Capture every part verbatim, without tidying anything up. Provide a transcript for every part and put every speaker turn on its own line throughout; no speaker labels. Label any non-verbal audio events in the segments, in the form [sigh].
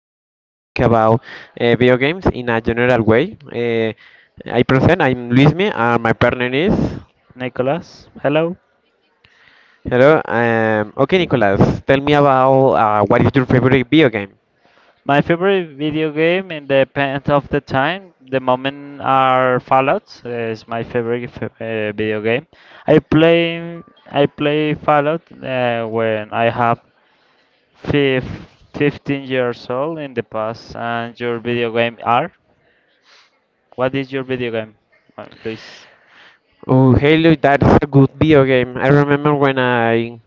we're gonna talk about uh, video games in a general way. Uh, I present. I'm Luismi, and my partner is.
Nicholas. Hello.
Hello. Um, okay, Nicolas. Tell me about uh, what is your favorite video game?
My favorite video game in the depends of the time. The moment are Fallout. Is my favorite f- uh, video game. I play I play Fallout uh, when I have fif fifteen years old in the past. And your video game are? What is your video game, uh, Luis?
Oh, Halo. That's a good video game. I remember when I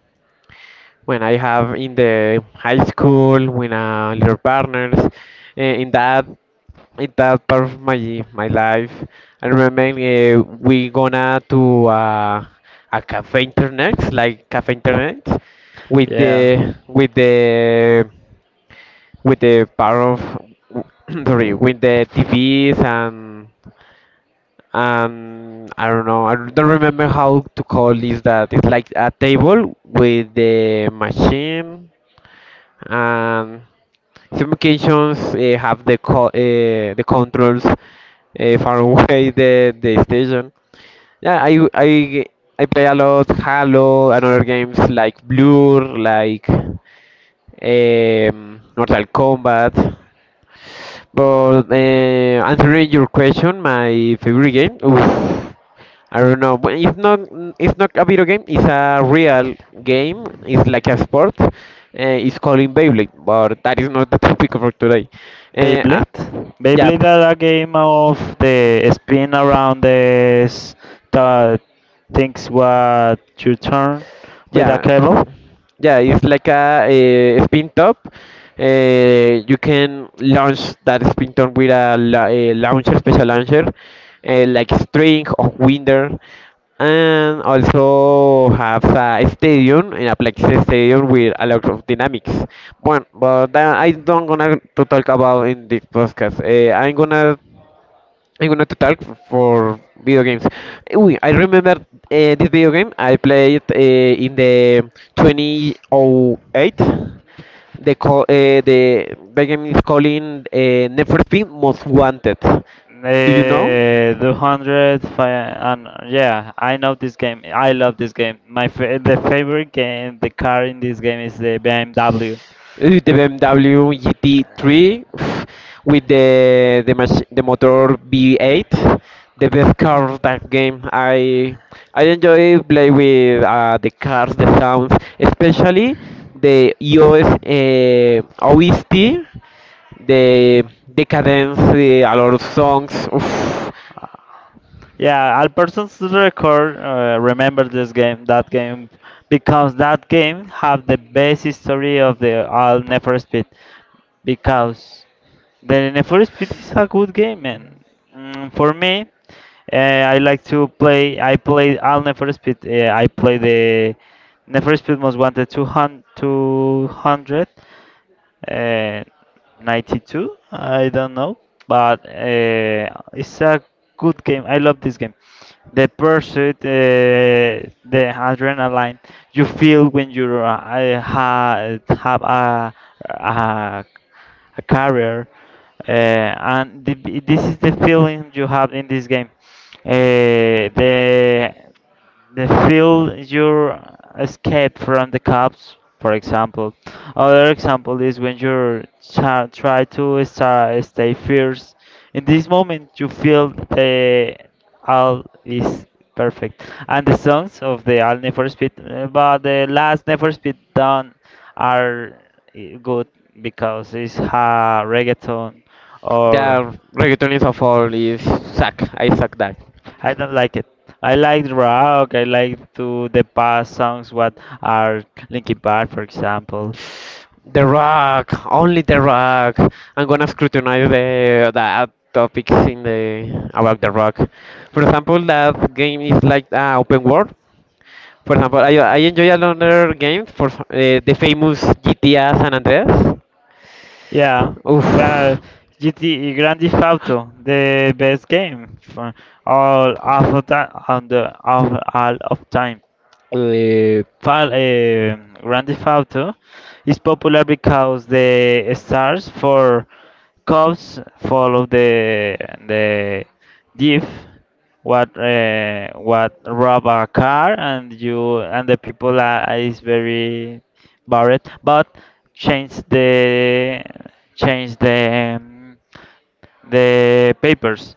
when I have in the high school with uh, little partners. Uh, in that in that part of my my life. I remember uh, we gonna to uh, a cafe internet, like cafe internet, with the with the with the part of [coughs] [clears throat] sorry, with the T Vs and and I don't know I don't remember how to call this, that it's like a table with the machine and some occasions uh, have the co- uh, the controls uh, far [laughs] away the the station. Yeah, I I I play a lot Halo and other games like Blur, like um, Mortal Kombat. But uh, answering your question, my favorite game, oof, I don't know. But It's not it's not a video game. It's a real game. It's like a sport. Uh, it's called Beyblade, but that is not the topic for today. Uh, uh,
Beyblade?
yeah,
Beyblade are a game of the spin around the s- the things what you turn with a
yeah.
cable.
Yeah, it's like a, eh, spin top. Eh, you can launch that spin top with a, la- a launcher, special launcher, eh, like string or winder, and also have a stadium, an Aplexis stadium with a lot of dynamics. Well, but that I don't gonna to talk about in this podcast. Eh, I'm gonna I'm gonna talk f- for video games. Uy, I remember uh, this video game I played uh, in the two thousand eight. The call, uh, the video game is calling uh, Never Been Most Wanted. Do you know?
Uh, two hundred and yeah, I know this game. I love this game. My fa The favorite game, the car in this game is the B M W.
Uh, the B M W G T three [sighs] with the the, mach- the motor V eight, the best car of that game. I I enjoy play with uh, the cars, the sounds, especially the E O S uh, O S T, the the cadence, the, a lot of songs. Oof.
Yeah, Albertson's record. Uh, remember this game, that game, because that game have the best history of the all Never Speed, because the Never Speed is a good game, man. Mm, for me, uh, I like to play. I play all Never Speed. Uh, I play the Never Speed Most Wanted two hundred, two hundred uh, ninety-two. I don't know, but uh, it's a good game. I love this game. The pursuit, uh, the adrenaline you feel when you uh, I ha have a, a a career, uh, and the, this is the feeling you have in this game. Uh, the the field your escape from the cops, for example. Other example is when you try, to start, stay fierce in this moment. You feel the all is perfect, and the songs of the all never speed, uh, but the last never speed done are uh, good because it's a reggaeton. Yeah. Or
Yeah, reggaeton is awful. Is suck. I suck that.
I don't like it. I like rock. I like to the past songs. What are Linkin Park, for example?
The rock, only the rock. I'm gonna scrutinize the the topics in the about the rock. For example, that game is like uh, open world. For example, I, I enjoy a lot other games. For uh, the famous G T A San Andreas.
Yeah, but
Oof.
G T Grand Theft Auto, the best game for all of that on the of all of time. Uh, Fal- uh, Grand Theft Auto is popular because the stars for cops follow the the diff what uh, what rob a car, and you and the people are, is very Barrett, but change the change the um, the papers.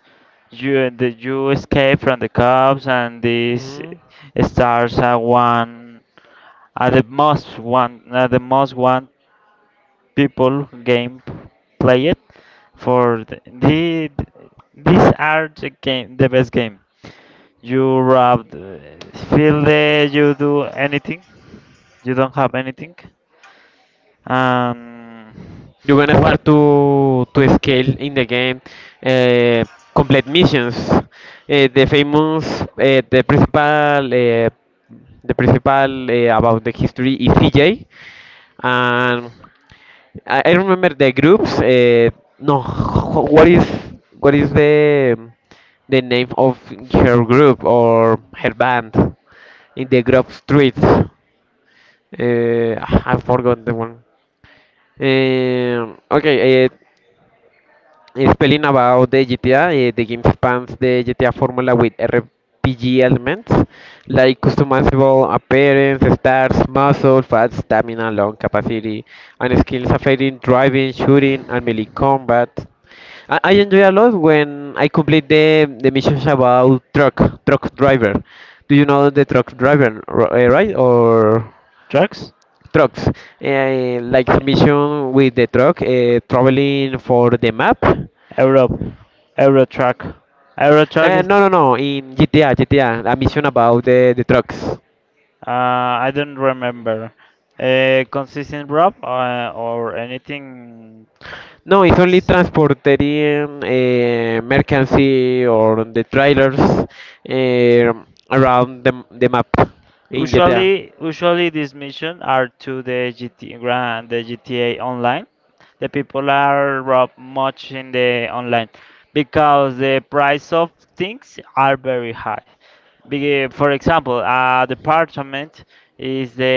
You the, you escape from the cops, and this
Mhm.
stars at one at the most one at the most one people game play it for the, the these are the game the best game. You rob, the- feel the you do anything. You don't have anything. Um,
You're gonna
what?
start to to scale in the game, uh, complete missions. Uh, the famous, uh, the principal, uh, the principal uh, about the history is C J, and I, I remember the groups. Uh, no, wh- what is what is the the name of her group or her band in the group streets? Uh, I forgot the one. Um okay, uh, spelling about the G T A, uh, the game spans the G T A formula with R P G elements like customizable appearance, stats, muscle, fast, stamina, long capacity, and skills affecting driving, shooting, and melee combat. I, I enjoy a lot when I complete the, the missions about truck truck driver. Do you know the truck driver, r- uh, right? Or
Trucks?
trucks, uh, like a mission with the truck uh, traveling for the map.
Europe. Euro truck. Euro truck
Uh,
is.
no, no, no. In G T A, G T A, a G T A, a mission about the, the trucks.
Uh, I don't remember. Uh, consistent rob uh, or anything.
No, it's only transporting uh, mercancy or the trailers um around the, the map in G T A.
Usually, usually these missions are to the G T grand, the G T A online. The people are rob much in the online because the price of things are very high. Be- For example, a department is the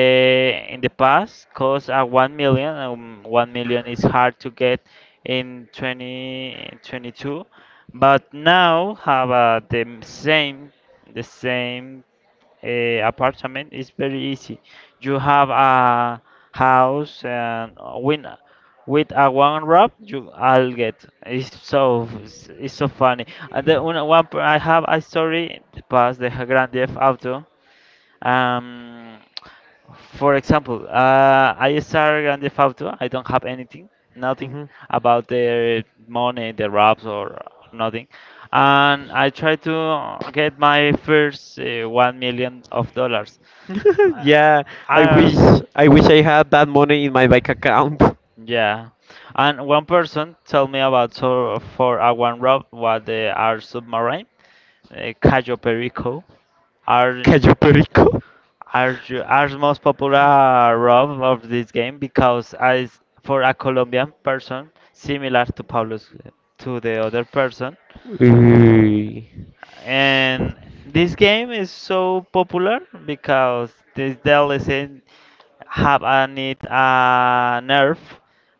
in the past cost a one million. Um, one million is hard to get in twenty twenty-two, but now have uh, the m- same the same uh, apartment is very easy. You have a house and win with a one rub you I'll get. It's so it's so funny. And then one, one per- I have a story past the Grand Theft Auto. Um, for example, uh, I start Grande Fauto. I don't have anything,
Anything,
nothing
nothing.
about the money, the raps or nothing, and I try to get my first uh, one million of dollars.
Hmm. [laughs]
Uh,
Yeah, I wish
and
I wish I had that money in my bank account.
Yeah, and one person told me about so for a one rap what they are submarine, uh, Cayo Perico,
[laughs]
are.
Cayo Perico?
Are you, are the most popular role of this game because as for a Colombian person similar to Pablo's to the other person.
Uy.
And this game is so popular because this D L C have a need a nerve,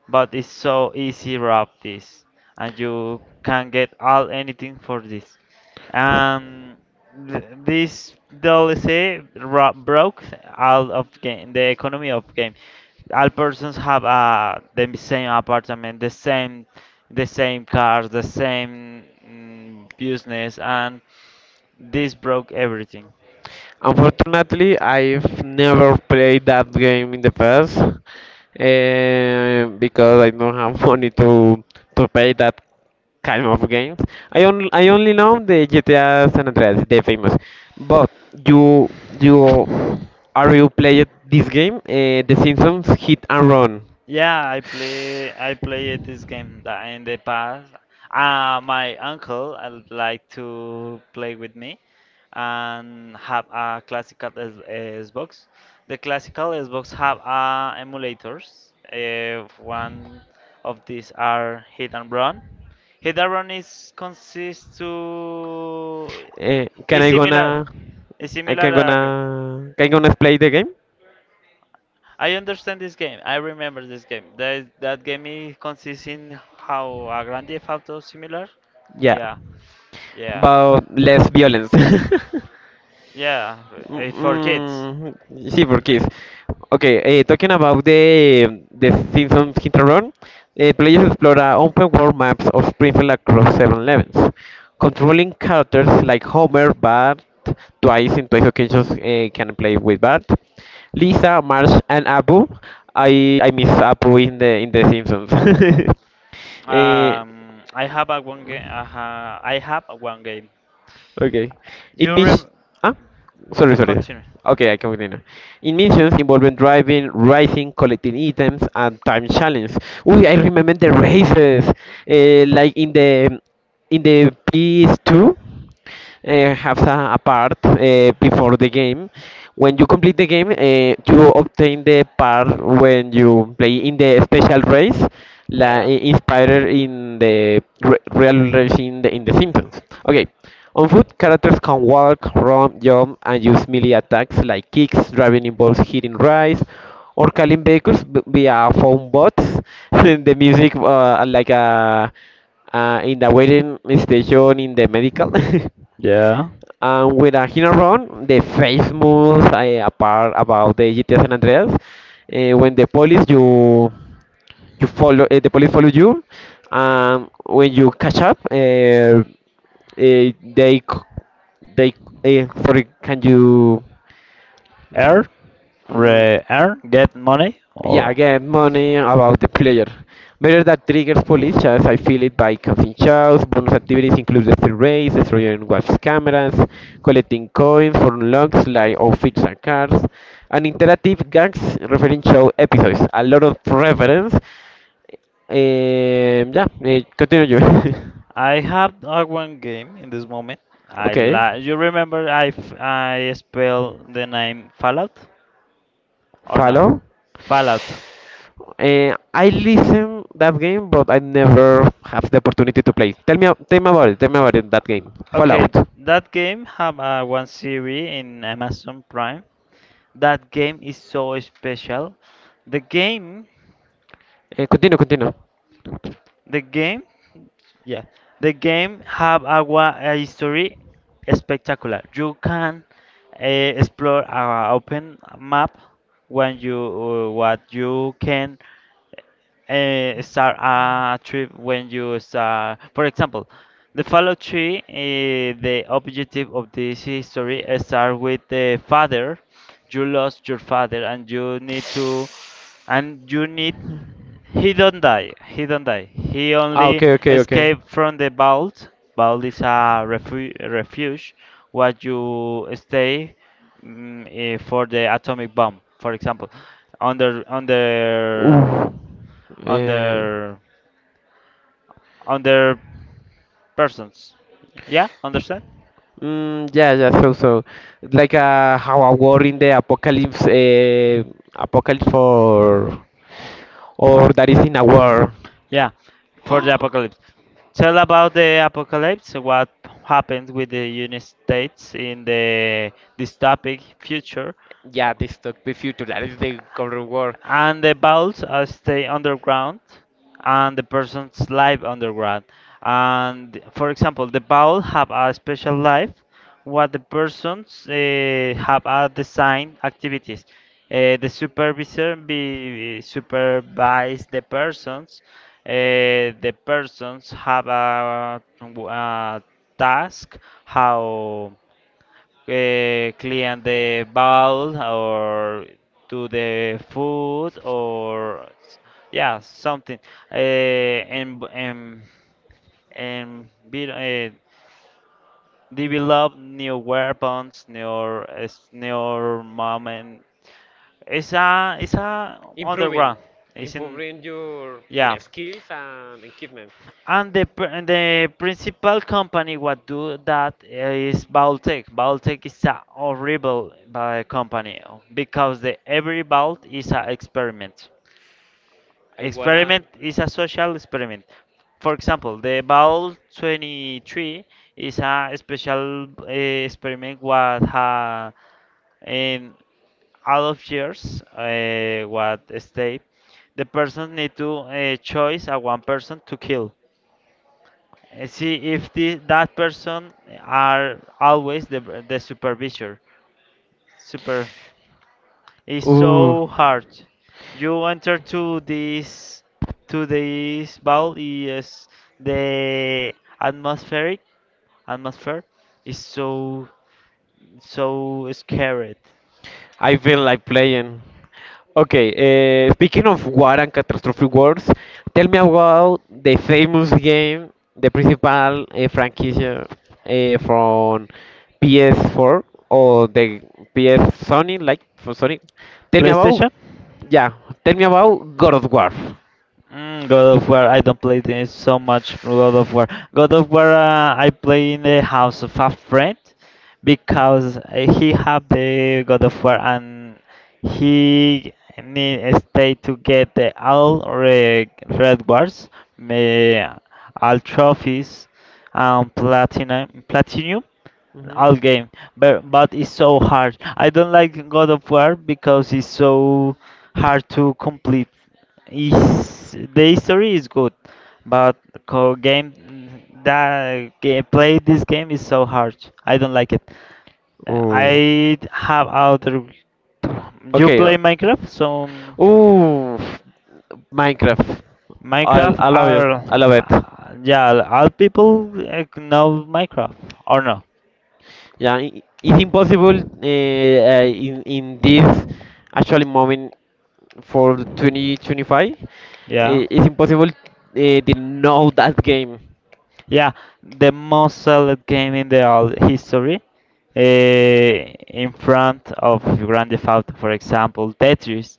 but it's so easy rob this, and you can get all anything for this. Um, th- this D L C ro- broke all of game, the economy of game. All persons have uh, the same apartment, the same, the same cars, the same mm, business, and this broke everything.
Unfortunately, I've never played that game in the past, eh, because I don't have [laughs] money to to pay that kind of games. I only I only know the G T A San Andreas, the famous. But you you are you played this game? Uh, the Simpsons Hit and Run.
Yeah, I play I played this game that in the past. Uh, my uncle uh, like to play with me and have a classical S- Xbox. The classical Xbox have uh, emulators. Uh, one of these are Hit and Run. Hit and Run is consists to
Uh, can
is
I
similar.
gonna
It's
I
similar.
can
uh,
gonna can I gonna play the game?
I understand this game. I remember this game. That that game is consists in how a Grand Theft Auto similar.
Yeah.
Yeah, yeah,
But less violence. [laughs]
yeah.
Mm,
uh, For kids,
mm, sí, porque es. Okay, eh, talking about the the Simpsons Hinterrun, eh, players explore a open world maps of Springfield across seven levels, controlling characters like Homer, Bart, twice in twice occasions eh, can play with Bart, Lisa, Marge, and Apu. I I miss Apu in the in the Simpsons. [laughs] eh,
um, I have a one game. Uh, I have a one game.
Okay. In
You
mis-
rem
ah? Sorry, sorry.
Continue.
Okay, I can continue. In missions involving driving, racing, collecting items, and time challenge. Uy, I remember the races. Uh, like in the in the P S two uh, have a, a part uh, before the game. When you complete the game, uh, you obtain the part when you play in the special race, la,
Yeah.
inspired in the re- real race in the, in the Simpsons. Okay. On foot, characters can walk, run, jump, and use melee attacks like kicks, driving balls, hitting rice, or calling vehicles b- via phone bots. [laughs] The music, uh, like a uh, in the waiting station in the medical. [laughs]
Yeah.
And with a hit and run, the face moves I apart about the G T A San Andreas. Uh, when the police you you follow, uh, The police follow you, and when you catch up, uh, uh, they c- they uh, sorry, can you?
Earn,
Mm,
re earn, get money
yeah,
or.
again, money about the player. Better that triggers police shots. I feel it by causing shows. Bonus activities include the third race, destroying watch cameras, collecting coins for unlocks like outfits and cars, and interactive gags referring show episodes. A lot of reference. Um, yeah, eh, continue you.
I have uh, one game in this moment.
[laughs]
I
Okay,
la You remember I f I spell the name Fallout or not?
follow.
Fallout.
Eh, I listen that game, but I never have the opportunity to play. Tell me, tell me about it. Tell me about it. That game,
Okay,
Fallout.
that game have uh, one series in Amazon Prime. That game is so special. The game,
Eh, continue, continue.
the game Yeah, the game have a, wa- a history spectacular. You can uh, explore our open map when you uh, what you can uh, start a trip when you start. For example, the Fallout three. Uh, the objective of this history start with the father. You lost your father, and you need to and you need he don't die, he don't die he
Ah,
only
okay, okay, okay.
escaped from the vault. Vault is a refu- refuge where you stay mm, eh, for the atomic bomb, for example. under under
Ooh. Eh,
under Under persons, yeah, understand.
mm, yeah, yeah. So, so like uh, how a war in the apocalypse, uh, apocalypse or or that is in a war.
Yeah, for the
[gasps]
apocalypse. Tell about the apocalypse, what happened with the United States in the dystopic future,
Yeah, this took the future. That is the current war.
and the vaults uh, stay underground, and the person's life underground. And for example, the vault have a special life, what the persons uh, have a design activities. Uh, the supervisor be, supervise the persons. Uh, the persons have a, a task, how uh, clean the bowl, or do the food, or yeah something, uh, and and and be, uh, develop new weapons, new uh, new moment. It's a it's a
improving
underground. It's in
improving your
yeah.
your skills and equipment.
And the pr- and the principal company what do that is Baltec. Baltec is a horrible uh, company uh, because the every vault is an experiment.
I wanna
Experiment is a social experiment. For example, the vault twenty-three is a special uh, experiment what ha in out of years uh, what state the person need to uh, choose a one person to kill, and see if the, that person are always the, the supervisor super. It's
ooh
so hard you enter to this to this ball. Is the atmospheric atmosphere is so so scared.
I feel like playing. Okay, uh, speaking of war and catastrophe wars, tell me about the famous game, the principal uh, franchise uh, from p s four or the ps sony like for sony. Tell me about,
PlayStation.
yeah, tell me about god of war.
Mm, God of War, I don't play this so much. God of War, God of War, uh, I play in the house of a friend because uh, he have the God of War, and he need uh, stay to get the all red, rewards, wars, all trophies, um, platinum, platinum
Mhm.
all game, but but it's so hard. I don't like God of War because it's so hard to complete. Is the history is good, but co game that game, play this game is so hard. I don't like it.
Oh,
I have other. You
okay. Uh,
play Minecraft, so
ooh, Minecraft. I
Minecraft
I love it.
are
I love it.
uh, yeah all people uh, know Minecraft or no?
Yeah, i- it's impossible uh, uh, in in this actually moment for twenty twenty-five.
Yeah.
Uh, it's impossible uh, to know that game.
Yeah, the most sold game in the all history. Uh, in front of Grand Theft Auto, for example, Tetris.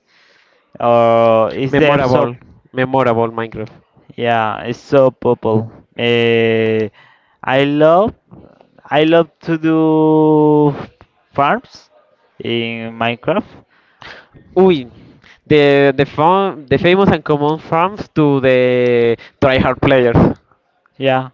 Or is the episode?
Memorable, memorable Minecraft.
Yeah, it's so popular. Uh, I love, I love to do farms in Minecraft.
Uy, the the fam the famous and common farms to the tryhard players.
Yeah,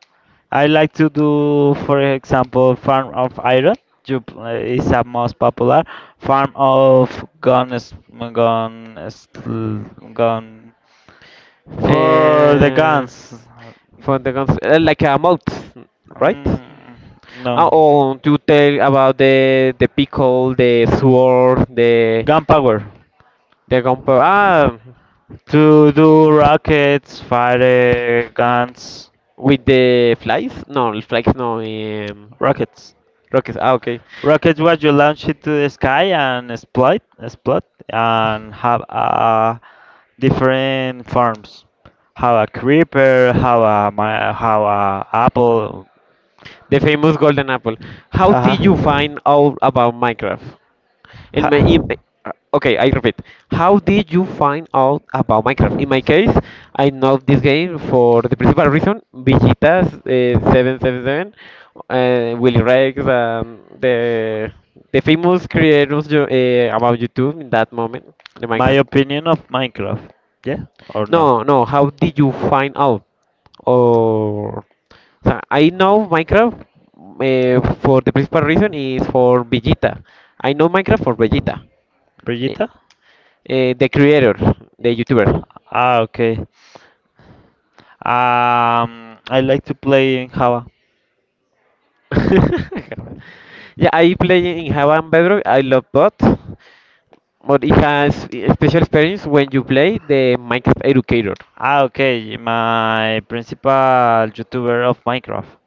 I like to do, for example, Farm of Iron. Ju- uh, is a most popular Farm of Guns, Guns, Gun Gun for the
Uh,
guns.
for the cons- uh, like a mod, right?
Mm,
Uh,
no,
oh, to tell about the the pickle, the sword, the
gunpowder
the gunpowder. Ah,
to do rockets, fire guns,
with the flies? No, flies no. Um,
rockets.
rockets. Ah, okay.
Rockets was you launch it to the sky and explode, explode, and have uh, different forms. How a creeper, how a my, how a apple.
The famous golden apple. How
Haha.
did you find out about Minecraft? In
Ha.
my in, okay, I repeat. How did you find out about Minecraft? In my case, I know this game for the principal reason: Villitas uh, seven seven seven, uh, Willy Rex, um, the the famous creators you- uh, about YouTube in that moment, the
My
Minecraft.
opinion of Minecraft. Yeah or no?
No, no. How did you find out? Or so I know Minecraft uh, for the principal reason is for Vegeta. I know Minecraft for Vegeta, uh,
Brigitta?
the creator, the YouTuber.
Ah, okay. Um, I like to play in Java.
[laughs] Yeah, I play in Java and Bedrock. I love both, but it has a special experience when you play the Minecraft Educator.
Ah, okay. My principal YouTuber of Minecraft.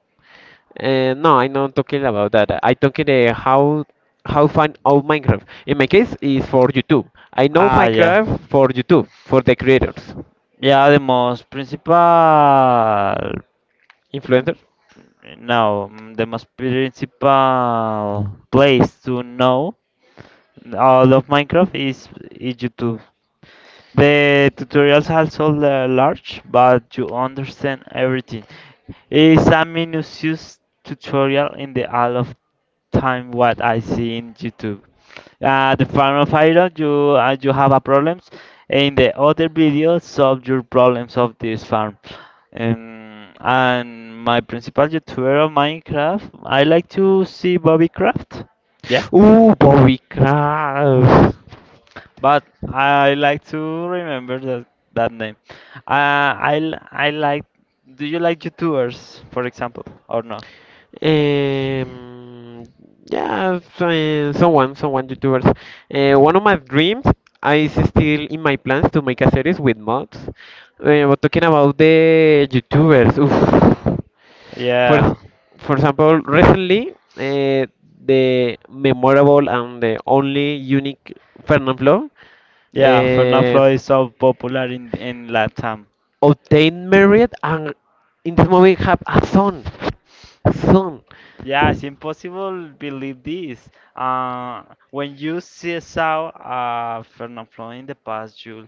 Uh, no, I'm not talking about that. I'm talking uh, how how fun of Minecraft. In my case, is for YouTube. I know, ah,
Ah, yeah.
Minecraft for YouTube for the creators,
Yeah, the most principal,
influencers.
no, mm, the most principal place to know all of Minecraft is, is YouTube. The tutorials also la- large, but you understand everything. It's a minutious tutorial in the all of time what I see in YouTube. Uh, the farm of iron, you uh, you have a problems. In the other video, solve your problems of this farm. Um, and my principal YouTuber of Minecraft, I like to see Bobby Craft. Yeah,
Ooh, Bobby Craft.
but I like to remember that that name. Uh, I l- I like. Do you like YouTubers, for example, or no?
Um, yeah, so, uh, someone, someone YouTubers. Uh, one of my dreams is still in my plans to make a series with mods. Uh, but talking about the YouTubers, oof. For,
Yeah,
for example, recently, uh, the memorable and the only unique Fernanfloo
yeah. Fernando
uh,
Flo is so popular in in Latam.
obtained married and in this movie have a son. Son.
Yeah, it's impossible believe this. Uh, when you see saw uh, Fernand Floyd in the past, you'll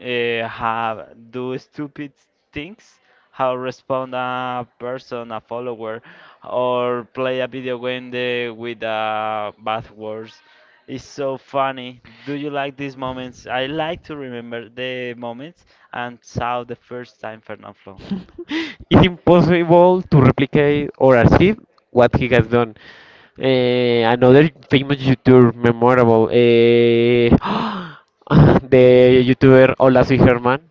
uh, have do stupid things, how respond a person, a follower, or play a video game the, with uh, bad words. It's so funny. Do you like these moments? I like to remember the moments and saw the first time Fernand Floyd.
It's impossible to replicate or achieve what he has done. Eh, another famous YouTuber memorable, eh, [gasps] the YouTuber Hola Soy Germán.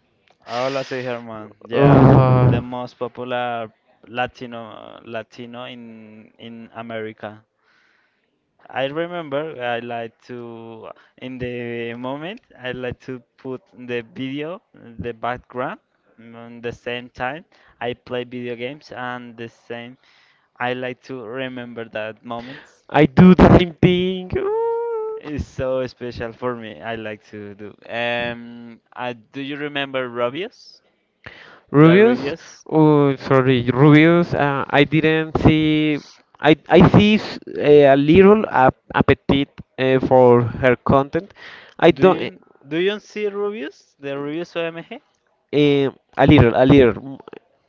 Hola, soy Herman. Yeah, the
Ugh,
most popular Latino Latino in in America. I remember I like to in the moment I like to put the video the background on the same time I play video games and the same I like to remember that moments.
I do the same thing. Ugh.
It's so special for me. I like to do. Um, uh, do you remember Robius? The
Rubius,
reviews?
oh, sorry, Rubius. Uh, I didn't see. I I see s- a little ap appetite uh, for her content. I
Do
don't.
you do you see reviews? The reviews O M G?
Uh, a little, a little, mm,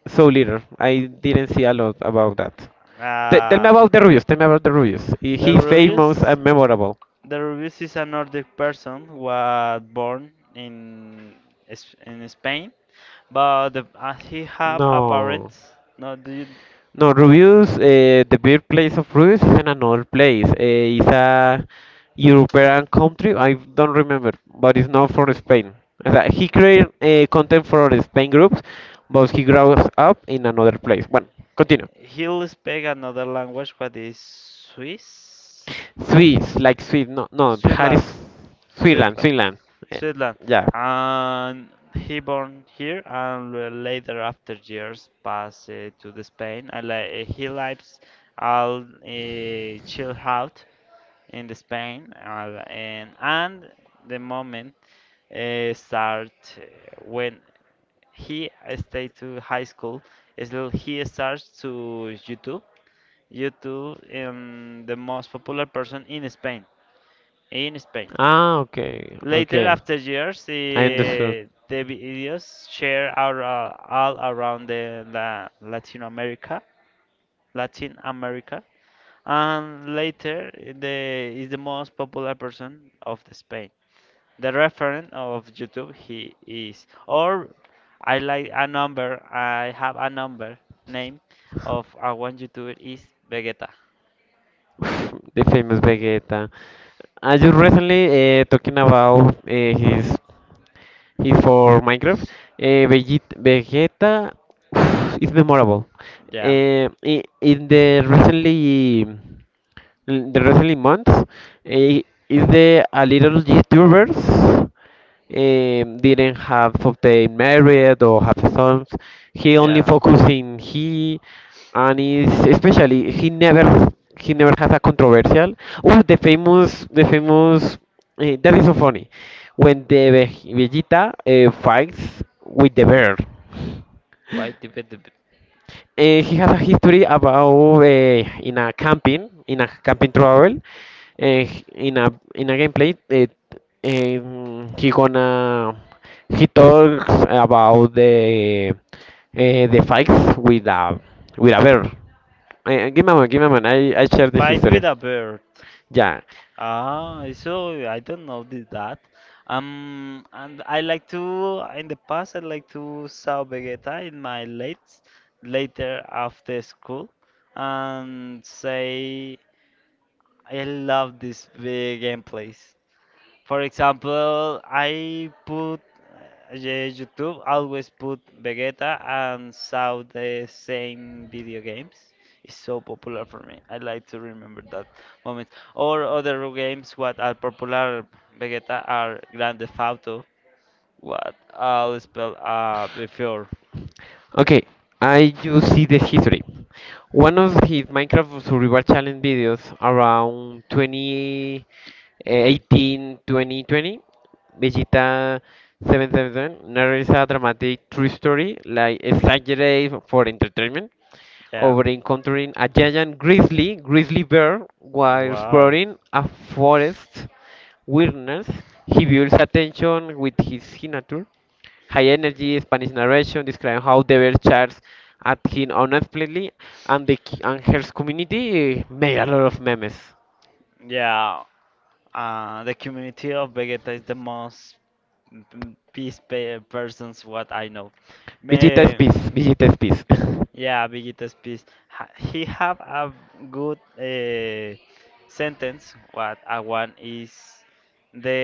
so little. I didn't see a lot about that. T Tell me
Ah,
about the Rubius. Tell me about the Rubius. He-
the
He's famous and
reviews.
memorable.
The reviews is a Nordic person was born in S- in Spain, but the, uh, he have a
No.
parents. No, do you
No, Rubius, uh, the birthplace of Rubius is in another place. Uh, it's a European country. I don't remember, but it's not from Spain. As a- He created uh, content for the Spain groups, but he grows up in another place. Well, continue.
he'll speak another language, but is Swiss?
Swiss, like Swiss. No, no. Harris,
Switzerland.
Finland,
Switzerland.
Finland. Eh,
Switzerland.
yeah.
And he born here and uh, later after years passed uh, to the Spain and li- he lives all uh, chill out in the Spain uh, and and the moment uh, start uh, when he stayed to high school. Still, he starts to YouTube. YouTube, um, the most popular person in Spain. In Spain.
Ah, okay,
Later,
okay.
after years,
I understood.
eh, the videos share are uh, all around the la Latin America, Latin America, and later the is the most popular person of the Spain. The reference of YouTube he is, or I like a number. I have a number name of a one YouTuber is Vegeta.
The famous Vegeta. I just recently uh, talking about uh, his his for Minecraft. Uh, Veget- Vegeta [sighs] is memorable.
Yeah,
Uh, I- in the recently. L- The recently months eh, is the a little YouTubers um, didn't have obtained married or have sons. He only
yeah.
focus in he and is especially he never he never has a controversial. Oh, the famous the famous uh, that is so funny when the Ve- Vegeta uh, fights with the bear.
Why did the bit-?
Uh, he has a history about uh, in a camping, in a camping travel, uh, in a in a gameplay. Uh, um, he gonna he talks about the uh, the fights with a with a bear. Uh, give me a moment, give me a moment. I I share the
Fight
history.
with a bird.
Yeah.
Ah, so I don't know did that. Um, and I like to in the past I like to saw Vegeta in my late later after school and say I love this big gameplays. For example, I put uh, yeah, YouTube always put Vegeta and saw the same video games. It's so popular for me. I like to remember that moment. Or other games what are popular Vegeta are Grand Theft Auto, what I'll spell uh before.
Okay, I just see the history. One of his Minecraft Survival Challenge videos around twenty eighteen twenty twenty, Vegeta seven seven seven narrates a dramatic true story, like exaggerated for entertainment,
Yeah.
over encountering a giant grizzly, grizzly bear while
Wow.
exploring a forest wilderness. He builds attention with his signature high energy Spanish narration describing how the bear charged at him unexpectedly, and the ki- and her community eh, made a lot of memes.
Yeah, uh, the community of Vegeta is the most Mm, peace pe persons, what I know.
Vegeta is
Me,
peace. Vegeta is [laughs]
yeah, Bigitas Peace. Ha he have a good uh, sentence. What I want is the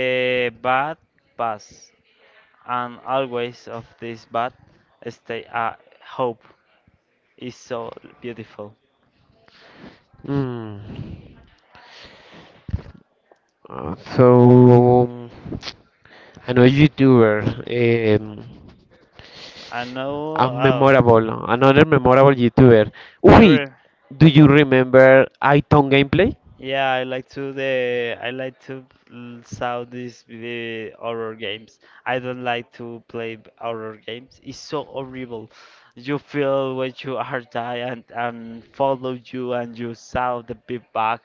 bad pass, and always of this bad stay. Uh, hope is so beautiful.
Uh, so um, another YouTuber, um,
I know.
a
Uh,
memorable, another memorable YouTuber. Wait,
you
do you remember iTone gameplay?
Yeah, I like to the I like to l- saw these the horror games. I don't like to play b- horror games. It's so horrible. You feel when you are tired and, and follow you, and you saw the big bag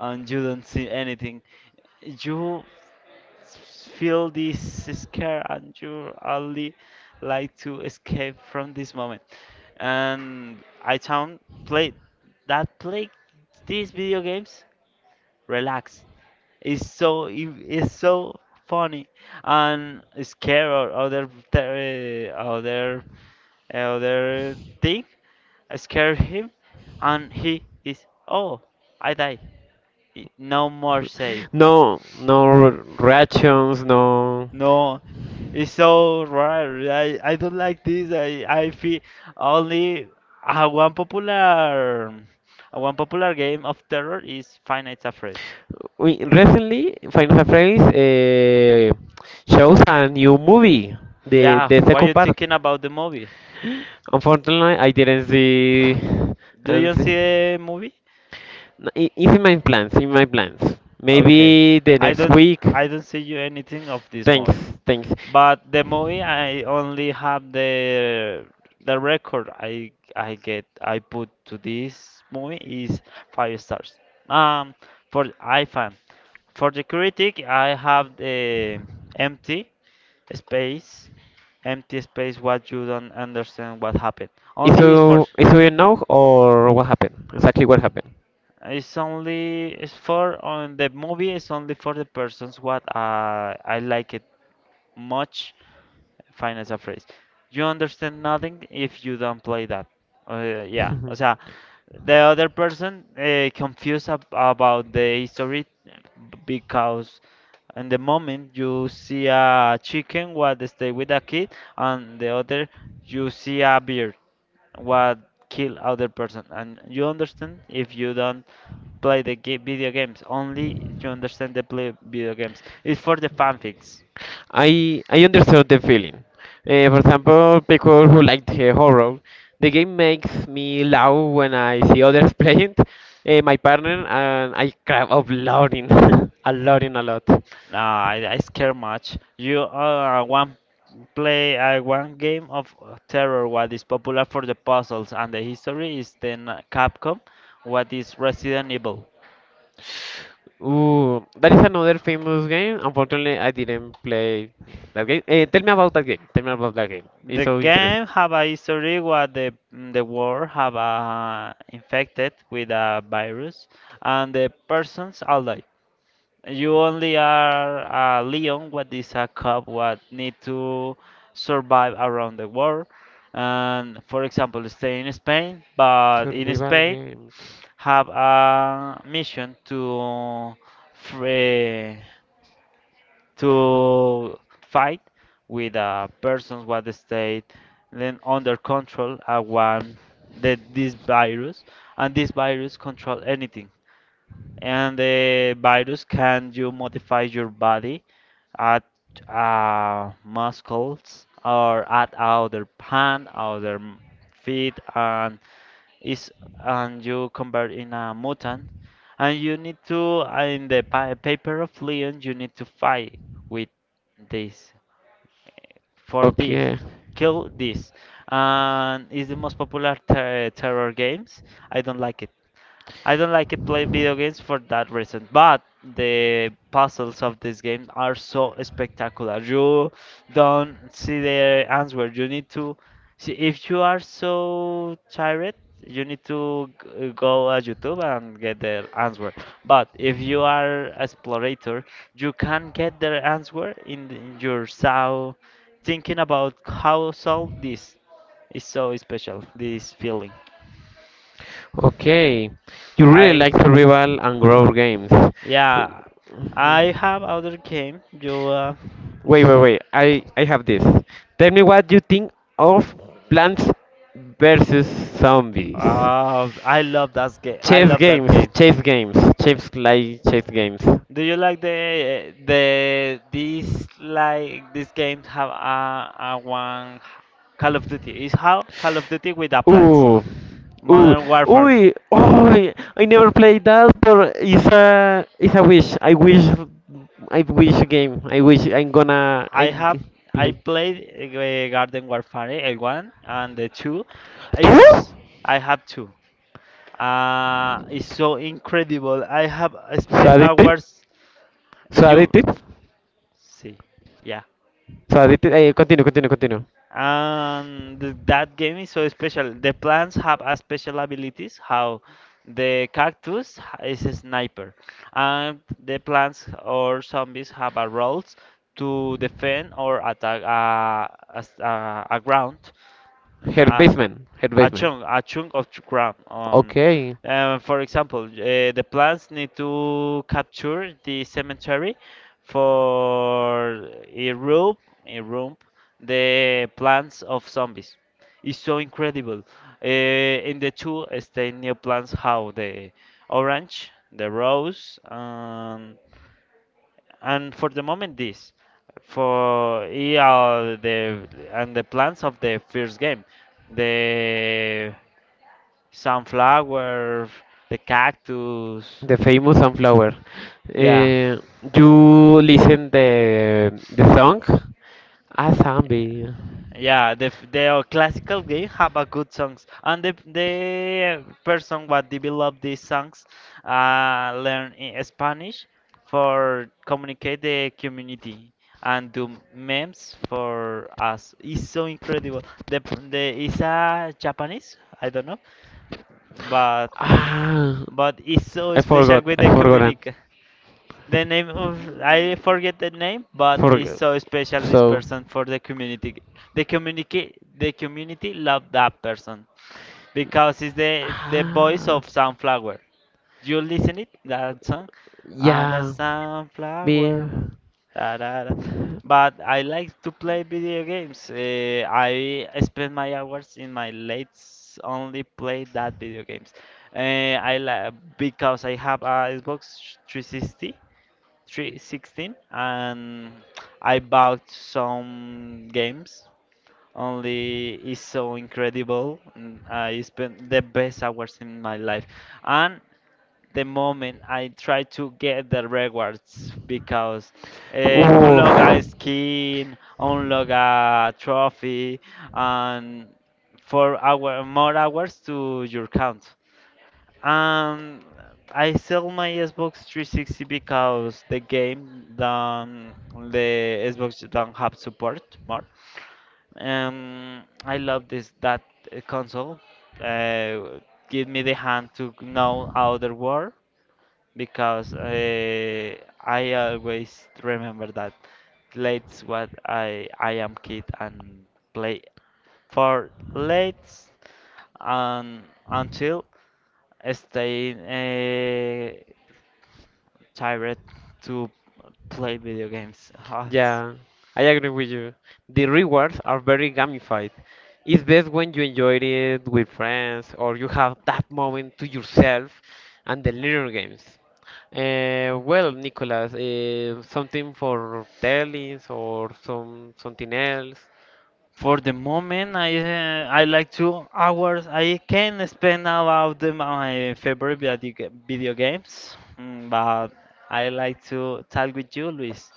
and you don't see anything. You s- feel this scare and you only like to escape from this moment. And I found play that play these video games relax. It's so it- it's so funny, and scare or other ter- uh, other eh, other thing scare him, and he is, oh, I die, I- no more say it.
[laughs] No, no r- reactions, no.
No, it's so rare. I, I don't like this. I, I feel only uh, one popular uh, one popular game of terror is Five Nights at Freddy's.
We recently Final Fantasy uh, shows a new movie, the
Yeah,
the
what
second
you
part.
thinking about the movie?
Unfortunately, I didn't see.
Do
And
you
see.
see the movie?
No, i- it's in my plans. In my plans.
Okay.
Maybe the
I
next
don't
week.
I don't see you anything of this
Thanks,
movie.
thanks.
But the movie I only have the the record. I I get I put to this movie is five stars. Um for iFan. For the critic I have the empty space. Empty space what you don't understand what happened.
If
Only is for.
you if you or what happened, exactly what happened,
It's only it's for on the movie. It's only for the persons what uh, I like it much. Finance a phrase. You understand nothing if you don't play that. Uh, yeah, o sea, the other person uh, confused ab about the history because in the moment you see a chicken what stay with a kid, and the other you see a bear what kill other person, and you understand if you don't play the ga- video games, only if you understand the play video games it's for the fanfics.
I I understood the feeling. Uh, for example, people who like the horror, the game makes me laugh when I see others [laughs] playing, uh, my partner, and I cry out loud in [laughs] a lot in a lot.
Nah, i, I scare much, you uh, one play uh, one game of uh, terror what is popular for the puzzles, and the history is then uh, Capcom, what is Resident Evil.
Ooh, that is another famous game. Unfortunately, I didn't play that game. Eh, tell me about that game. Tell me about that game. It's
The
so interesting.
game have a history where the mm, the world have uh, infected with a virus, and the persons all die. You only are a lion, what is a cub, what need to survive around the world. And for example, stay in Spain, but in
Survival
Spain
games.
have a mission to free, to fight with a persons what stayed then under control, uh, one the, this virus, and this virus control anything, and the virus can you modify your body at uh, muscles or at other hand, other m- feet, and is and you convert in a mutant, and you need to, in the pa- paper of Leon you need to fight with this, for this,
Okay,
kill this, and it's the most popular ter- terror games. i don't like it I don't like it play video games for that reason, but the puzzles of this game are so spectacular. You don't see the answer. You need to see if you are so tired, you need to g- go at YouTube and get the answer. But if you are explorator, you can get the answer in, the- in your soul, thinking about how solve this is so special. This feeling.
okay. You really
I
like survival and grow games.
Yeah, I have other game. You uh,
Wait, wait, wait. I I have this. Tell me what you think of Plants versus Zombies.
uh I love that game. I
Chess
love that
games,
game.
chess games, chess like chess games.
Do you like the the this like this game have a, a one Call of Duty? It's how Call of Duty with the plants.
Ooh. Ooh,
Modern Warfare.
ooh, oh, I never played that, but it's a, it's a wish. I wish, I wish game. I wish I'm gonna, I
I have
g-
I
play.
played uh, Garden Warfare, uh, one and the two.
¿Tú?
Is I have two. Uh, it's so incredible. I have spent
Sadity.
hours. You
Sadity.
see, yeah.
Sadity. Eh, continúo, continúo, continúo.
And th- that game is so special. The plants have a special abilities. How the cactus ha- is a sniper, and the plants or zombies have a roles to defend or attack a, a, s- a a ground. Mm,
Her
A,
Basement. Her
a
Basement.
chunk, a chunk of ch- ground. Um,
Okay.
uh, for example, uh, the plants need to capture the cemetery for a room, a room, the plants of zombies. It's so incredible. Uh, in the two, eh, stay new plants, how the orange, the rose, and for the moment, this for yeah, the and the plans of the first game, the sunflower, the cactus,
The famous sunflower.
yeah.
Eh, you listen the the song? Ah, zombie.
Yeah, the f- the classical game have a good songs, and the the person what developed these songs uh, learn i- Spanish for communicate the community and do memes for us. It's so incredible. The p- the is a Japanese, I don't know, but
Ah,
but it's so
I
special
forgot.
with
I
the
forgot.
communic. The name of I forget the name, but it's
Forget.
so special this
So.
person for the community. The community the community love that person because it's the the voice
Ah.
of Sunflower. You listen it that song, ah, the
Yeah. Be.
Sunflower. Da, da, da. But I like to play video games. Uh, I spend my hours in my late only play that video games. Uh, I like because I have a Xbox three sixty Three sixteen, and I bought some games. Only is so incredible, and I spent the best hours in my life, and the moment I try to get the rewards because uh, unlock a skin, unlock a trophy,
Oof.
and four hour more hours to your count. Um, I sell my Xbox three sixty because the game don't, the Xbox don't have support more. Um, I love this that uh, console. Uh, Give me the hand to know other world because uh, I always remember that late what I I am kid, and play for late and until stay uh, tired to play video games. Ah, s-
Yeah, I agree with you. The rewards are very gamified. It's best when you enjoy it with friends or you have that moment to yourself and the little games. Uh, well, Nicolas, uh, something for tellings or some something else.
For the moment, I uh, I like two hours. I can spend about the- my favorite video, ga- video games, Mm, but I like to talk with you, Luis.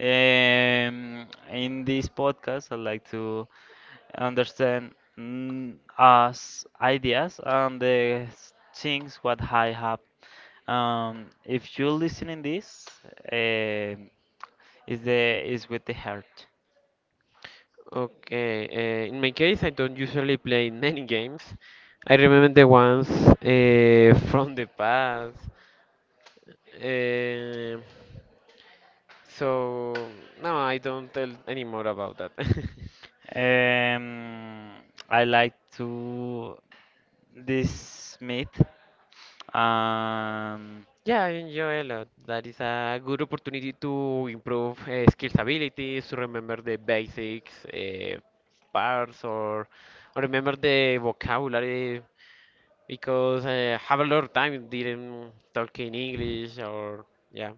Um, in this podcast, I'd like to understand, mm, us ideas and the s- things what I have. Um, if you're listening this, uh, is the is with the heart.
Okay, uh, in my case, I don't usually play [laughs] many games. I remember the ones uh, [laughs] from the past. Uh, So no, I don't tell anymore about that. [laughs]
Um, I like to this meet. Um,
Yeah, I enjoy a lot. That is a good opportunity to improve uh, skills abilities, to remember the basics uh, parts, or, or remember the vocabulary because I have a lot of time didn't talk in English or yeah.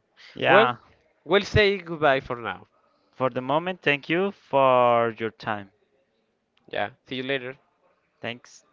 Well,
yeah.
we'll say goodbye for now.
For the moment, thank you for your time.
Yeah, see you later.
Thanks.